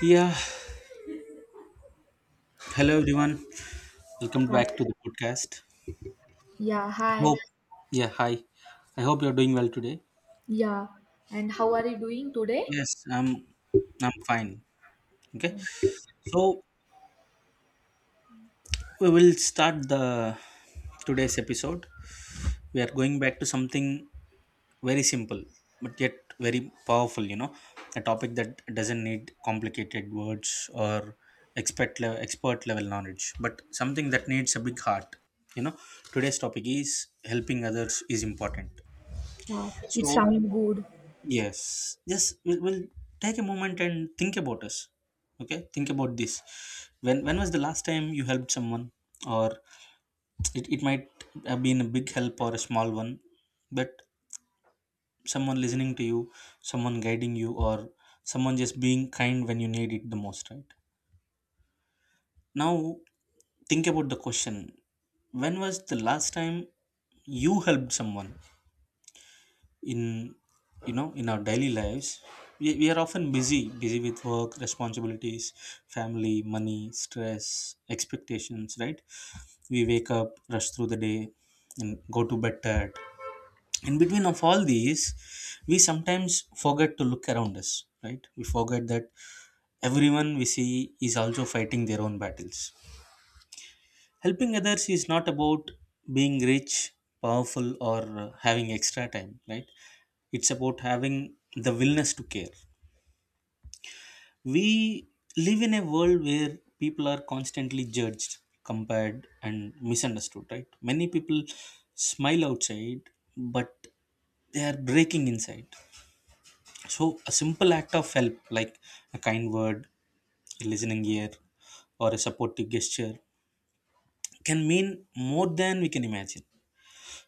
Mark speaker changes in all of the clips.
Speaker 1: Yeah, hello everyone. Welcome back
Speaker 2: Hi.
Speaker 1: to the podcast.
Speaker 2: Yeah,
Speaker 1: I
Speaker 2: hi.
Speaker 1: hope, yeah, hi. I hope you're doing well today.
Speaker 2: Yeah, and how are you doing today?
Speaker 1: Yes, I'm fine. Okay, so we will start the today's episode. We are going back to something very simple but yet very powerful, a topic that doesn't need complicated words or expert level knowledge, but something that needs a big heart you know Today's topic is, helping others is important.
Speaker 2: It
Speaker 1: So,
Speaker 2: sounds good.
Speaker 1: yes, yes, we'll take a moment and think about us. Okay, think about this: when was the last time you helped someone, or it might have been a big help or a small one, but someone listening to you, someone guiding you, or someone just being kind when you need it the most, right? Now think about the question: when was the last time you helped someone? In you know in our daily lives, we are often busy with work, responsibilities, family, money, stress, expectations, right? We wake up, rush through the day, and go to bed tired. In between of all these, we sometimes forget to look around us, right? We forget that everyone we see is also fighting their own battles. Helping others is not about being rich, powerful, or having extra time, right? It's about having the willingness to care. We live in a world where people are constantly judged, compared, and misunderstood, right? Many people smile outside, but they are breaking inside. So, a simple act of help, like a kind word, a listening ear, or a supportive gesture, can mean more than we can imagine.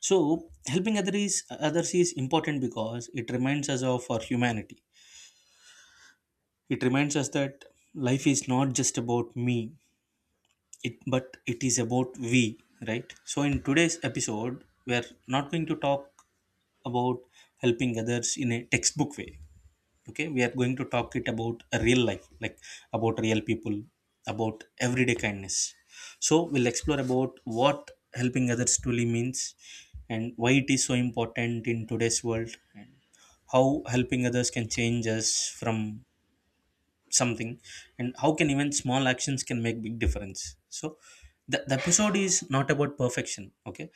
Speaker 1: So, helping others is important because it reminds us of our humanity. It reminds us that life is not just about me, it but it is about we, right? So, in today's episode, we are not going to talk about helping others in a textbook way. Okay, we are going to talk it about a real life, like about real people, about everyday kindness. So we'll explore about what helping others truly means, and why it is so important in today's world, and how helping others can change us from something, and how can even small actions can make big difference. So the episode is not about perfection, okay?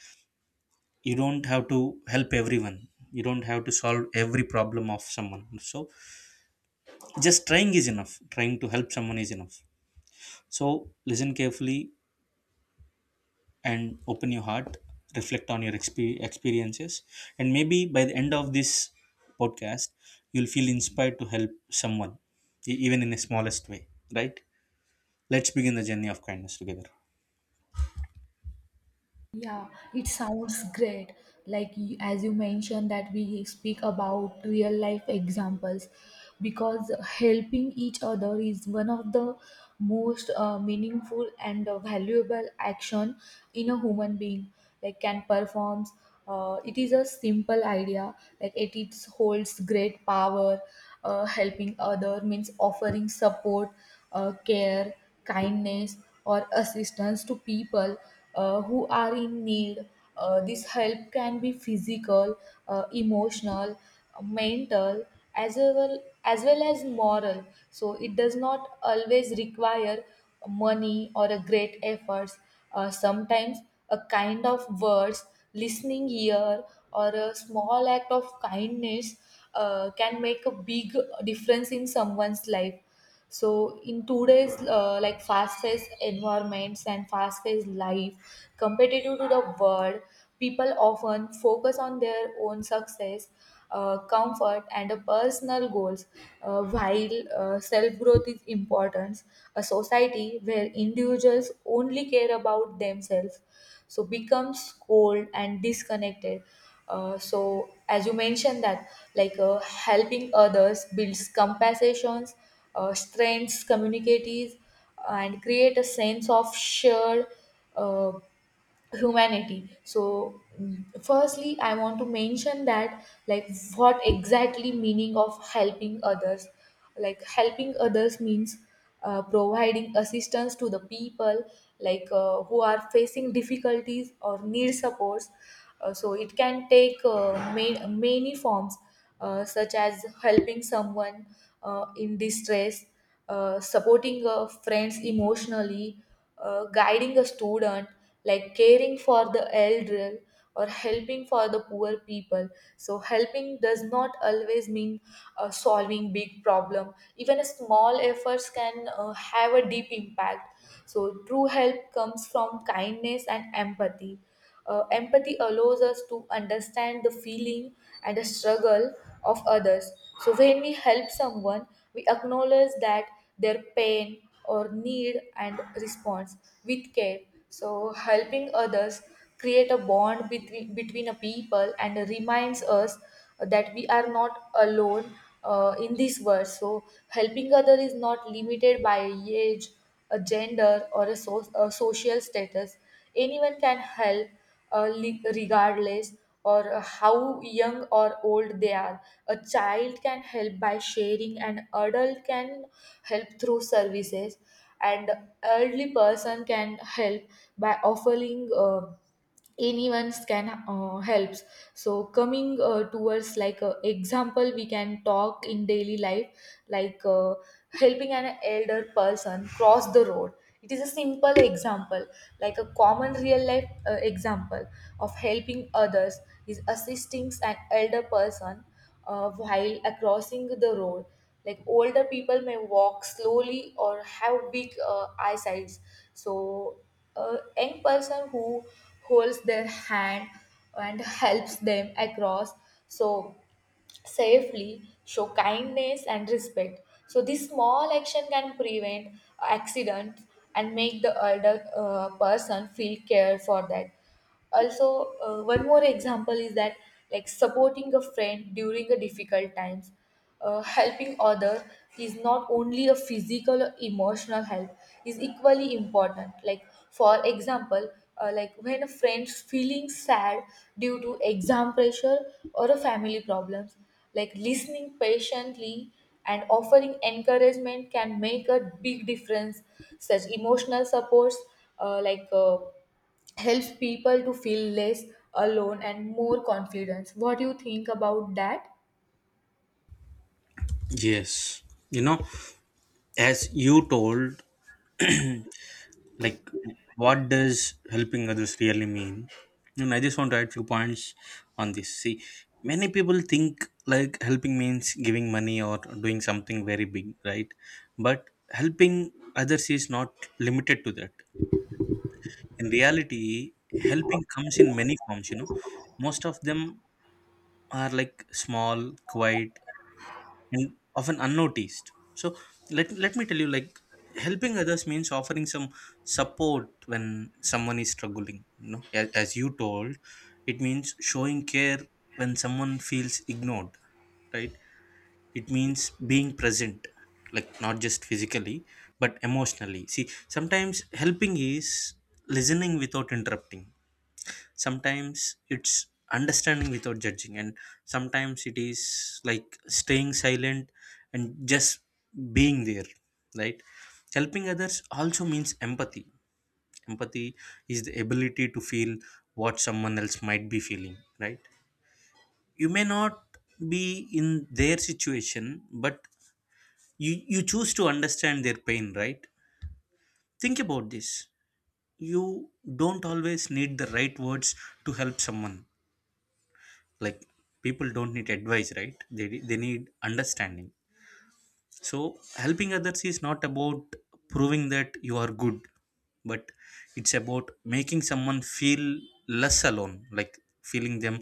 Speaker 1: You don't have to help everyone. You don't have to solve every problem of someone. So just trying is enough, trying to help someone is enough. So listen carefully and open your heart, reflect on your experiences, and maybe by the end of this podcast, you'll feel inspired to help someone, even in the smallest way, right? Let's begin the journey of kindness together.
Speaker 2: Yeah, it sounds great. As you mentioned that we speak about real life examples because helping each other is one of the most meaningful and valuable action in a human being like can performs it is a simple idea like it holds great power. Helping other means offering support, care, kindness, or assistance to people who are in need. This help can be physical, emotional, mental, as well as moral. So it does not always require money or a great efforts. Sometimes a kind of words, listening ear, or a small act of kindness can make a big difference in someone's life. So in today's like fast-paced environments and fast-paced life, competitive to the world, people often focus on their own success, comfort, and the personal goals. While self-growth is important, a society where individuals only care about themselves so becomes cold and disconnected. So as you mentioned that helping others builds compassions, strengths communities, and create a sense of shared uh, humanity. So firstly I want to mention that like what exactly meaning of helping others. Like helping others means providing assistance to the people, who are facing difficulties or need supports. So it can take many forms, such as helping someone in distress, supporting friends emotionally, guiding a student, like caring for the elder, or helping for the poor people. So helping does not always mean solving big problem. Even a small efforts can have a deep impact. So true help comes from kindness and empathy. Empathy allows us to understand the feeling and the struggle of others. So when we help someone, we acknowledge that their pain or need and response with care. So helping others create a bond between a people and reminds us that we are not alone in this world. So helping other is not limited by age, a gender, or a social status. Anyone can help, regardless or how young or old they are. A child can help by sharing, an adult can help through services, and elderly person can help by offering. Anyone's can helps. So coming towards example, we can talk in daily life like helping an elder person cross the road. It is a simple example, like a common real life example of helping others is assisting an elder person while crossing the road. Like older people may walk slowly or have big eyesights, so a young person who holds their hand and helps them across so safely show kindness and respect. So this small action can prevent accidents and make the elder person feel cared for. That also one more example is that like supporting a friend during a difficult times. Helping others is not only a physical or emotional help is equally important. Like for example, like when a friend's feeling sad due to exam pressure or a family problems, like listening patiently and offering encouragement can make a big difference. Such emotional supports uh, like uh, helps people to feel less alone and more confidence. What do you think about that?
Speaker 1: Yes, you know as you told, like, what does helping others really mean? And I just want to add few points on this. See, many people think, like, helping means giving money or doing something very big, right? But helping others is not limited to that. In reality, helping comes in many forms. Most of them are like small, quiet, and often unnoticed. So let me tell you, like, helping others means offering some support when someone is struggling, as you told. It means showing care when someone feels ignored, right? It means being present, like not just physically but emotionally. See, sometimes helping is listening without interrupting, sometimes it's understanding without judging, and sometimes it is like staying silent and just being there, right? Helping others also means empathy. Empathy is the ability to feel what someone else might be feeling, right? You may not be in their situation, but you choose to understand their pain, right? Think about this: you don't always need the right words to help someone. Like, people don't need advice, right? They need understanding. So helping others is not about proving that you are good, but it's about making someone feel less alone, like feeling them,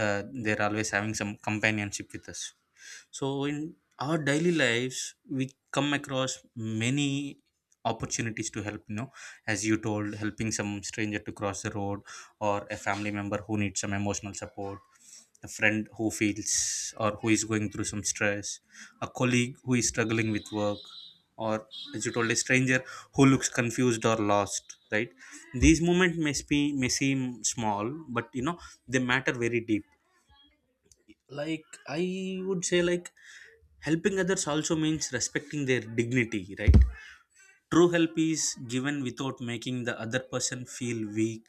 Speaker 1: they're always having some companionship with us. So in our daily lives, we come across many opportunities to help. As you told, helping some stranger to cross the road, or a family member who needs some emotional support, a friend who feels or who is going through some stress, a colleague who is struggling with work, or, as you told, a stranger who looks confused or lost, right? These moments may seem small, but they matter very deep. Like, I would say, like, helping others also means respecting their dignity, right? True help is given without making the other person feel weak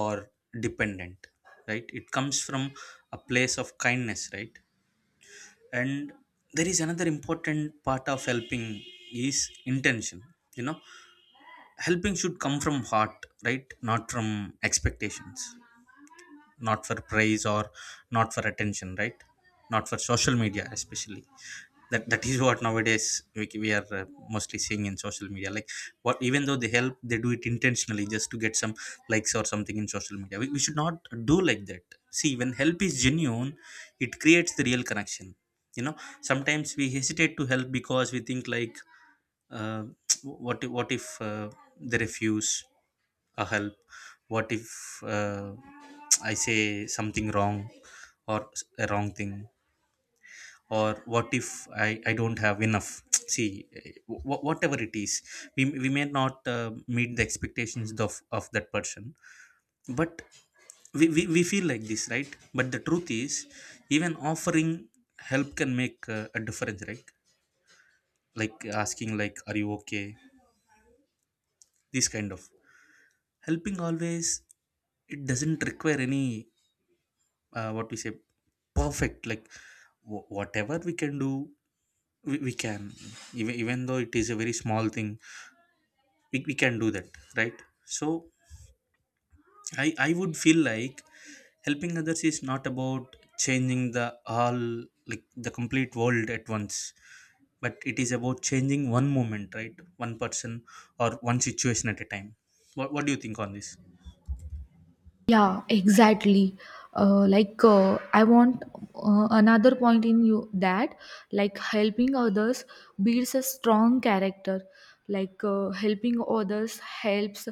Speaker 1: or dependent, right? It comes from a place of kindness, right? And there is another important part of helping, is intention. You know, helping should come from heart, right? Not from expectations, not for praise, or not for attention, right? Not for social media especially. That is what nowadays we are mostly seeing in social media, like, what, even though they help, they do it intentionally just to get some likes or something in social media. We should not do like that. See, when help is genuine, it creates the real connection you know Sometimes we hesitate to help because we think, like, uh, what if they refuse a help. What if uh, I say something wrong, or a wrong thing, or what if I don't have enough. See, whatever it is, we may not meet the expectations of that person, but we feel like this, right? But the truth is, even offering help can make a difference, right? Like asking, like, are you okay? This kind of helping always, it doesn't require any, what we say, perfect. Like whatever we can do, we can. Even though it is a very small thing, we can do that, right? So I would feel like helping others is not about changing the all, like the complete world at once, but it is about changing one moment, right? One person or one situation at a time. What do you think on this?
Speaker 2: Yeah, exactly. I want another point in you that like helping others builds a strong character. Like helping others helps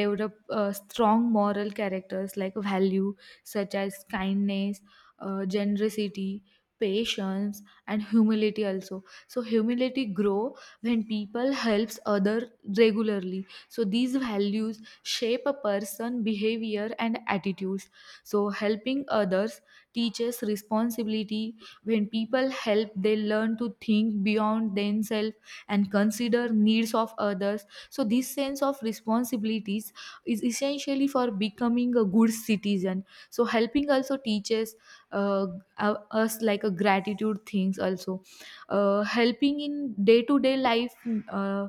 Speaker 2: develop strong moral characters like value such as kindness, generosity, patience, and humility also. So humility grow when people helps other regularly, so these values shape a person behavior and attitudes. So helping others teaches responsibility. When people help, they learn to think beyond themselves and consider needs of others. So this sense of responsibilities is essentially for becoming a good citizen. So helping also teaches uh, us like a gratitude things also. Helping in day to day life, uh,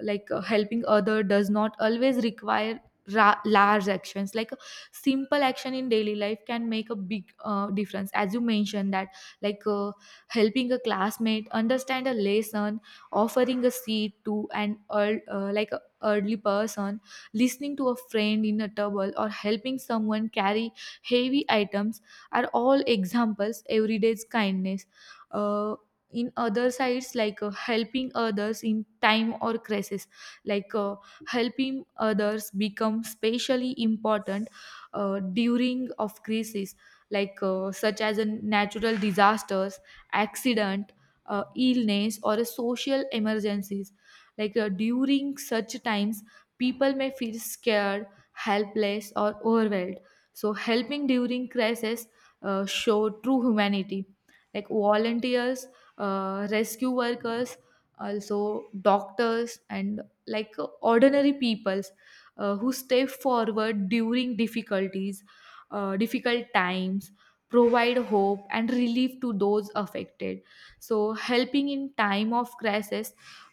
Speaker 2: helping other does not always require large actions. Like a simple action in daily life can make a big difference. As you mentioned that like uh, helping a classmate understand a lesson, offering a seat to an earl- like a elderly person, listening to a friend in a trouble, or helping someone carry heavy items are all examples everyday's kindness. Uh, in other sides, helping others in time or crisis, like uh, helping others become specially important during of crisis, such as a natural disasters, accident, illness, or a social emergencies. During such times, people may feel scared, helpless, or overwhelmed. So helping during crisis show true humanity, like volunteers, rescue workers, also doctors, and ordinary peoples who step forward during difficulties, difficult times, provide hope and relief to those affected. So helping in time of crisis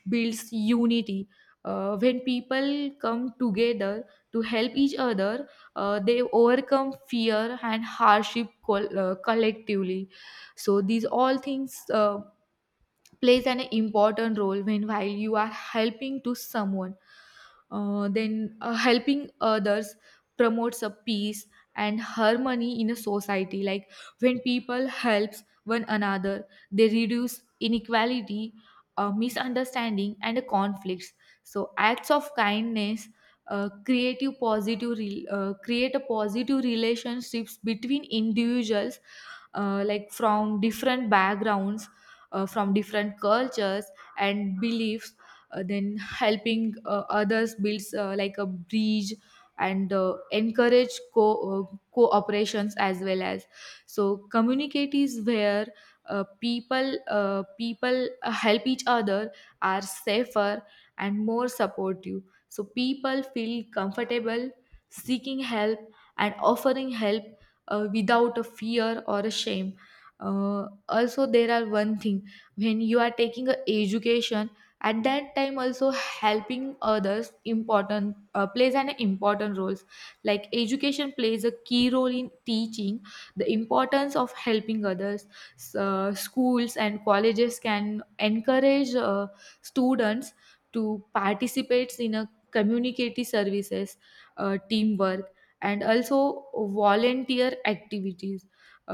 Speaker 2: builds unity. When people come together to help each other, they overcome fear and hardship collectively. So these all things plays an important role when while you are helping to someone. Then helping others promotes a peace and harmony in a society. Like when people helps one another, they reduce inequality, misunderstanding, and conflicts. So acts of kindness create a positive relationships between individuals, like from different backgrounds, from different cultures and beliefs. Then helping others builds like a bridge and encourage cooperations as well as. So communicate is where people help each other are safer and more supportive. So people feel comfortable seeking help and offering help without a fear or a shame. Also there are one thing, when you are taking a education at that time also helping others important plays an important roles. Like education plays a key role in teaching the importance of helping others. Schools and colleges can encourage students to participate in a community services, teamwork, and also volunteer activities.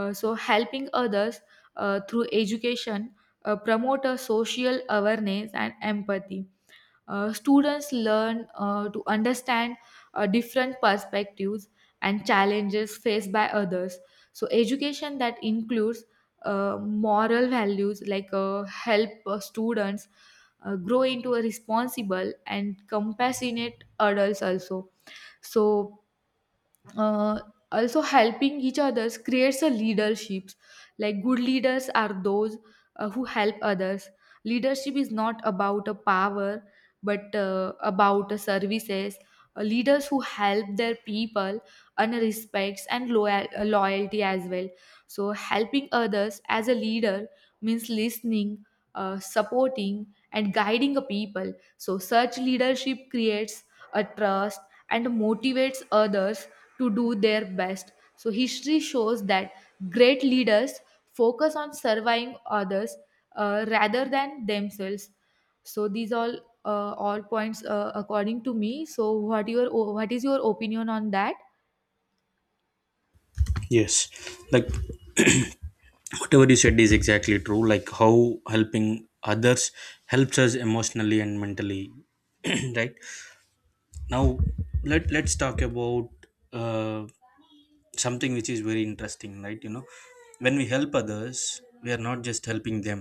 Speaker 2: So helping others through education promote a social awareness and empathy. Students learn to understand different perspectives and challenges faced by others. So education that includes moral values help students grow into a responsible and compassionate adults also. So, uh, also helping each others creates a leadership. Like good leaders are those who help others. Leadership is not about a power but about a services. Leaders who help their people and respects and loyalty as well. So helping others as a leader means listening, supporting, and guiding a people. So such leadership creates a trust and motivates others to do their best. So history shows that great leaders focus on serving others rather than themselves. So these all points according to me. So what your what is your opinion on that?
Speaker 1: Yes, like, whatever you said is exactly true. Like, how helping others helps us emotionally and mentally, right? Now, let's talk about uh, something which is very interesting, right? You know, when we help others, we are not just helping them,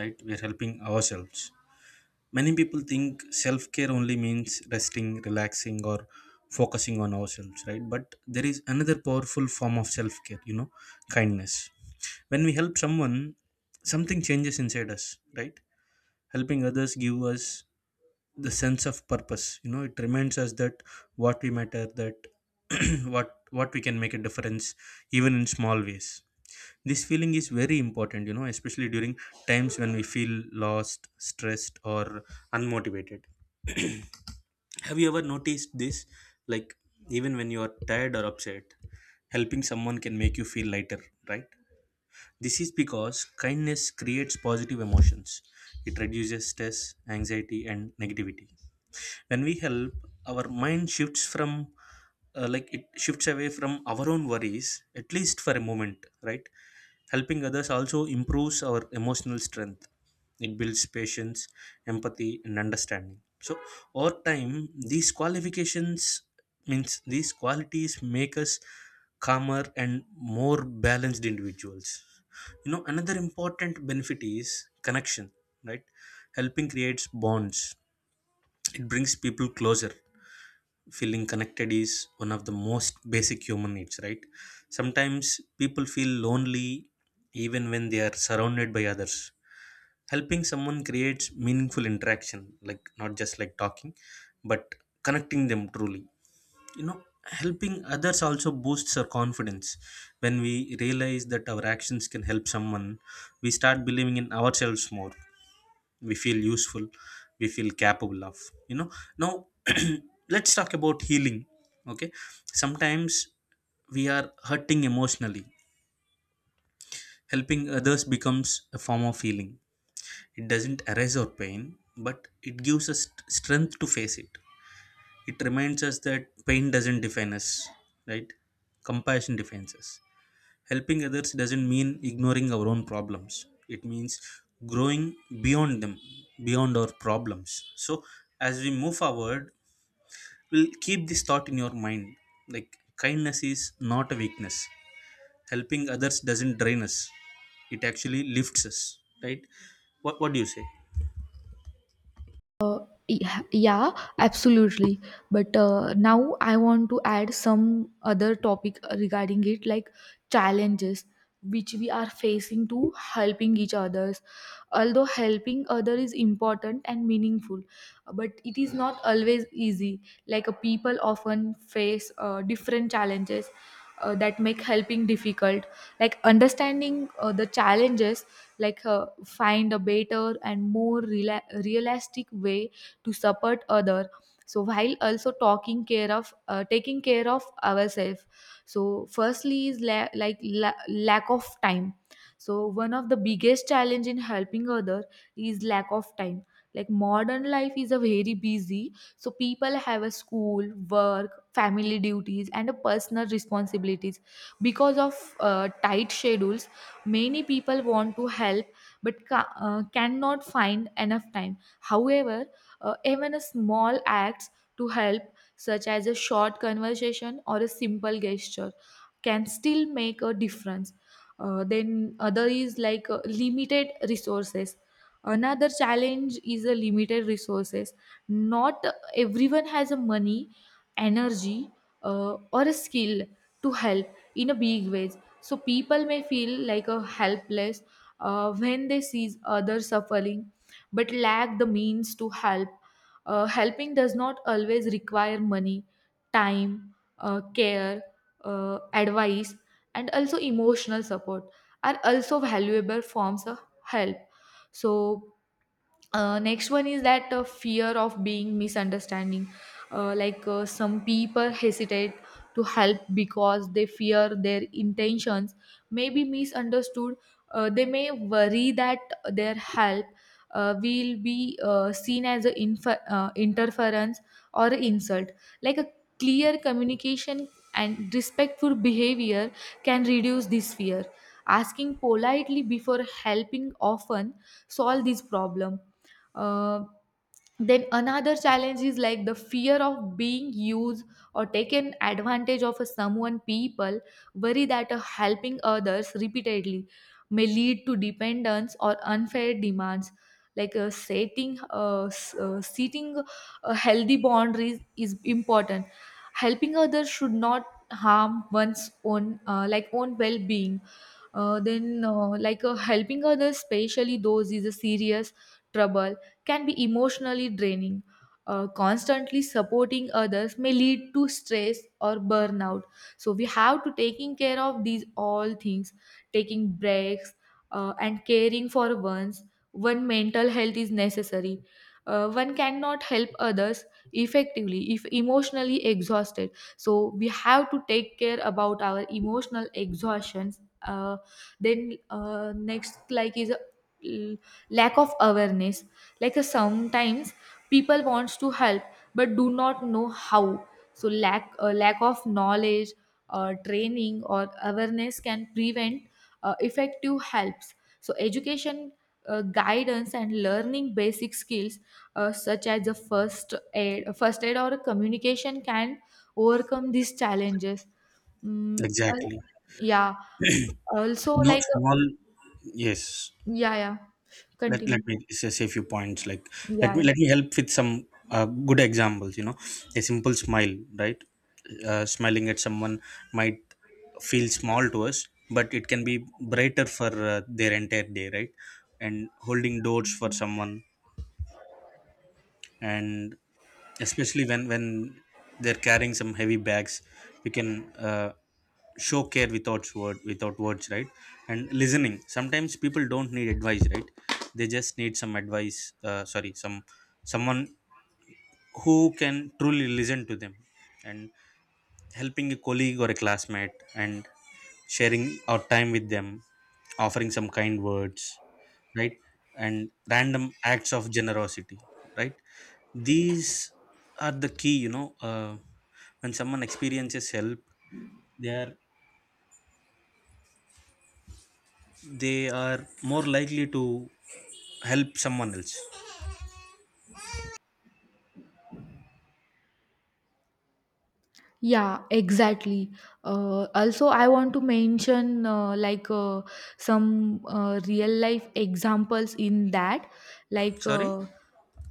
Speaker 1: right? We are helping ourselves. Many people think self care only means resting, relaxing, or focusing on ourselves, right? But there is another powerful form of self care, you know, kindness. When we help someone, something changes inside us, right? Helping others give us the sense of purpose, you know, it reminds us that what we matter, that what what we can make a difference, even in small ways. This feeling is very important, especially during times when we feel lost, stressed, or unmotivated. Have you ever noticed this? Like, even when you are tired or upset, helping someone can make you feel lighter, right? This is because kindness creates positive emotions. It reduces stress, anxiety, and negativity. When we help, our mind shifts from, like, it shifts away from our own worries, at least for a moment, right? Helping others also improves our emotional strength. It builds patience, empathy, and understanding. So over time, these qualifications, means these qualities, make us calmer and more balanced individuals. You know, another important benefit is connection, right? Helping creates bonds, it brings people closer. Feeling connected is one of the most basic human needs, right? Sometimes people feel lonely even when they are surrounded by others. Helping someone creates meaningful interaction, like not just like talking, but connecting them truly. You know, helping others also boosts our confidence. When we realize that our actions can help someone, we start believing in ourselves more. We feel useful, we feel capable of, you know now, let's talk about healing, okay? Sometimes we are hurting emotionally, helping others becomes a form of healing. It doesn't erase our pain, but it gives us strength to face it. It reminds us that pain doesn't define us, right? Compassion defines us. Helping others doesn't mean ignoring our own problems. It means growing beyond them, beyond our problems. So, as we move forward, we'll keep this thought in your mind, like, kindness is not a weakness. Helping others doesn't drain us, it actually lifts us, right? What do you say?
Speaker 2: Yeah, yeah, absolutely. But now I want to add some other topic regarding it, like challenges which we are facing to helping each others. Although helping other is important and meaningful, but it is not always easy. Like people often face different challenges that make helping difficult, like understanding the challenges, find a better and more realistic way to support other, so while also talking care of taking care of ourselves. So firstly is lack of time. So one of the biggest challenge in helping other is lack of time. Like modern life is a very busy, so people have a school, work, family duties, and a personal responsibilities. Because of tight schedules, many people want to help but cannot find enough time. However, even a small acts to help, such as a short conversation or a simple gesture, can still make a difference. Then other is like limited resources. Another challenge is a limited resources. Not everyone has a money, energy, or a skill to help in a big ways. So people may feel like a helpless when they see others suffering but lack the means to help. Helping does not always require money, time, care, advice, and also emotional support are also valuable forms of help. So next one is that fear of being misunderstanding. Some people hesitate to help because they fear their intentions may be misunderstood. They may worry that their help will be seen as an interference or insult. Like a clear communication and respectful behavior can reduce this fear. Asking politely before helping often solve this problem. uh, then another challenge is like the fear of being used or taken advantage of. A someone people worry that helping others repeatedly may lead to dependence or unfair demands. Like setting a healthy boundaries is important. Helping others should not harm one's own own well-being. Then like Helping others, especially those is a serious trouble, can be emotionally draining. Constantly supporting others may lead to stress or burnout. So we have to taking care of these all things, taking breaks and caring for one's one mental health is necessary. One cannot help others effectively if emotionally exhausted. So we have to take care about our emotional exhaustions. Then next like is Lack of awareness. Sometimes people wants to help but do not know how. So lack of knowledge or training or awareness can prevent effective helps. So education, guidance and learning basic skills, such as the first aid or communication, can overcome these challenges. mm, uh,
Speaker 1: Exactly.
Speaker 2: yeah, also
Speaker 1: No
Speaker 2: like,
Speaker 1: small, yes.
Speaker 2: yeah, yeah,
Speaker 1: let,
Speaker 2: continue.
Speaker 1: let me say a few points, like, let
Speaker 2: Yeah,
Speaker 1: me
Speaker 2: yeah.
Speaker 1: let me help with some good examples. A simple smile, right? Smiling at someone might feel small to us, but it can be brighter for their entire day, right? And holding doors for someone, and especially when they're carrying some heavy bags, we can show care without words, right? And listening, sometimes people don't need advice, right? They just need some advice, sorry, someone who can truly listen to them. And helping a colleague or a classmate, and sharing our time with them, offering some kind words, right? And random acts of generosity, right? These are the key, you know. When someone experiences help, they are they are more likely to help someone else.
Speaker 2: Yeah, exactly. Also, I want to mention, some real life examples in that, like
Speaker 1: Sorry,
Speaker 2: uh,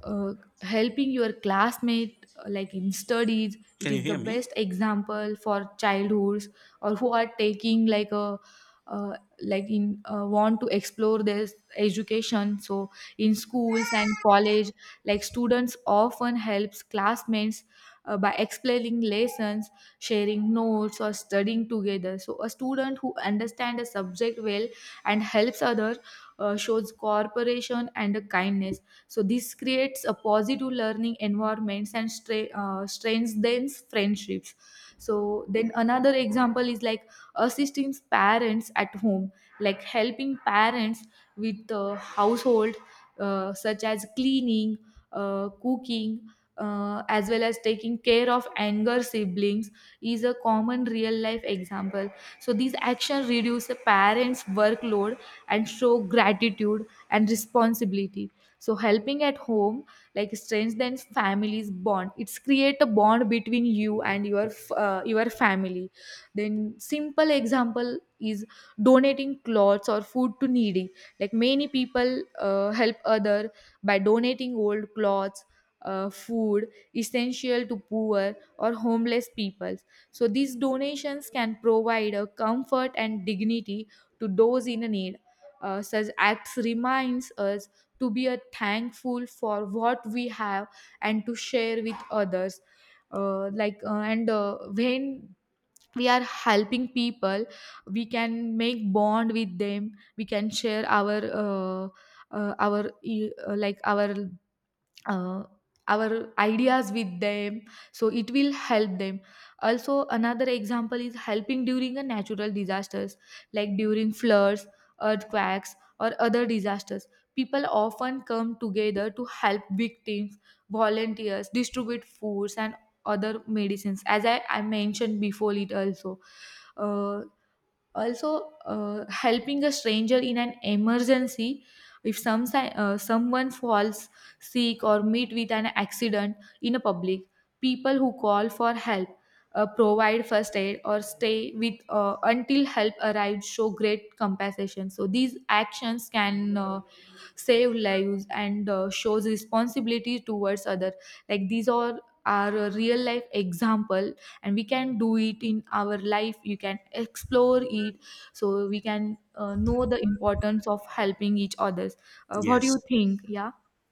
Speaker 2: uh, helping your classmate, like in studies, it
Speaker 1: can you
Speaker 2: is the
Speaker 1: hear me?
Speaker 2: best example for childhoods or who are taking like a like in want to explore their education. So in schools and college, like students often helps classmates by explaining lessons, sharing notes, or studying together. So, a student who understands a subject well and helps others shows cooperation and a kindness. So, this creates a positive learning environments and strengthens friendships. So, then another example is like assisting parents at home, like helping parents with the household, such as cleaning, cooking, as well as taking care of anger siblings, is a common real life example. So these actions reduce a parents workload and show gratitude and responsibility. So helping at home like strengthens families bond. It's create a bond between you and your family. Then simple example is donating clothes or food to needy. Like many people help other by donating old clothes, food essential to poor or homeless peoples. So these donations can provide a comfort and dignity to those in need. Such acts reminds us to be a thankful for what we have and to share with others. Like and When we are helping people, we can make bond with them. We can share our e- like uh, our ideas with them, so it will help them. Also another example is helping during a natural disasters. Like during floods, earthquakes or other disasters, people often come together to help victims. Volunteers distribute foods and other medicines, as I mentioned before it also. Uh, also, helping a stranger in an emergency. If someone falls sick or meet with an accident in a public, people who call for help, provide first aid or stay with until help arrives, show great compassion. So these actions can save lives and shows responsibility towards other. Like these are a real life example and we can do it in our life. You can explore it, so we can know the importance of helping each others. What do you
Speaker 1: Yes.
Speaker 2: think? Yeah,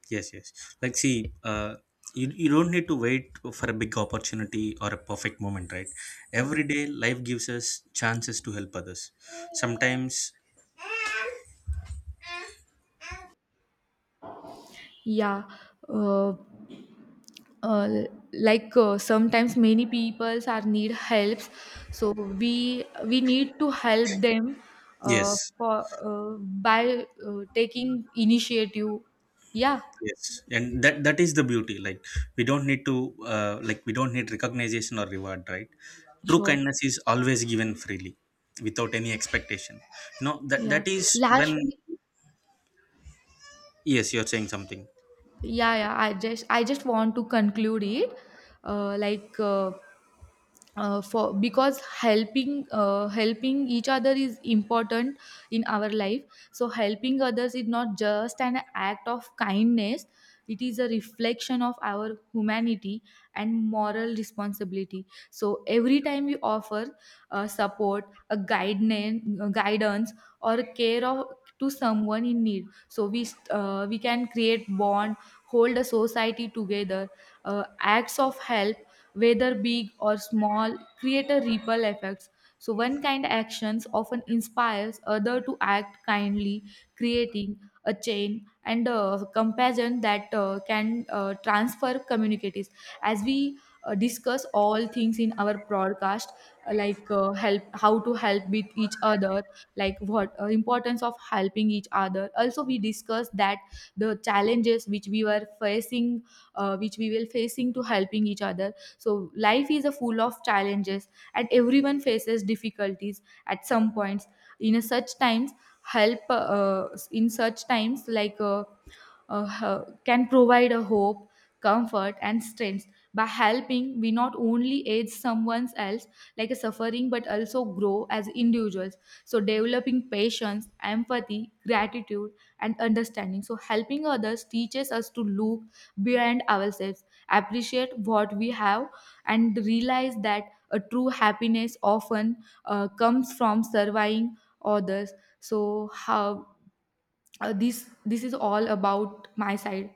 Speaker 1: Yes, yes. Like, see, you don't need to wait for a big opportunity or a perfect moment, right? Every day, life gives us chances to help others. Sometimes,
Speaker 2: yeah, uh, uh, sometimes many peoples are need helps, so we need to help them,
Speaker 1: yes,
Speaker 2: for uh, by taking initiative. Yeah.
Speaker 1: yes, and that is the beauty. Like, we don't need to, like, we don't need recognition or reward, right? True
Speaker 2: Sure.
Speaker 1: kindness is always given freely, without any expectation. No, that
Speaker 2: Yeah.
Speaker 1: that is when.
Speaker 2: Lastly.
Speaker 1: Yes, you're saying something.
Speaker 2: Yeah, yeah, I just want to conclude it. Like for Because helping each other is important in our life. So helping others is not just an act of kindness, it is a reflection of our humanity and moral responsibility. So every time we offer support, a guidance or care of to someone in need, so we can create bond, hold a society together. Acts of help, whether big or small, create a ripple effects. So one kind actions often inspires other to act kindly, creating a chain and a compassion that can transfer communities. As we discuss all things in our broadcast, help, how to help with each other, like what importance of helping each other. Also, we discuss that the challenges which we were facing, which we were facing to helping each other. So life is a full of challenges, and everyone faces difficulties at some points. In a such times, help in such times, can provide a hope, comfort, and strength. By helping, we not only aid someone else like a suffering, but also grow as individuals. So, developing patience, empathy, gratitude, and understanding. So, helping others teaches us to look beyond ourselves, appreciate what we have, and realize that a true happiness often comes from serving others. So, how this is all about my side.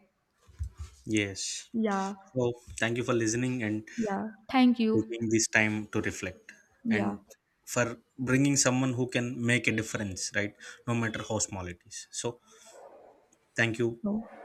Speaker 1: Yes.
Speaker 2: Yeah.
Speaker 1: So, thank you for listening and
Speaker 2: Yeah, thank you.
Speaker 1: taking this time to reflect,
Speaker 2: Yeah.
Speaker 1: and for bringing someone who can make a difference, right? No matter how small it is, so thank you.
Speaker 2: No.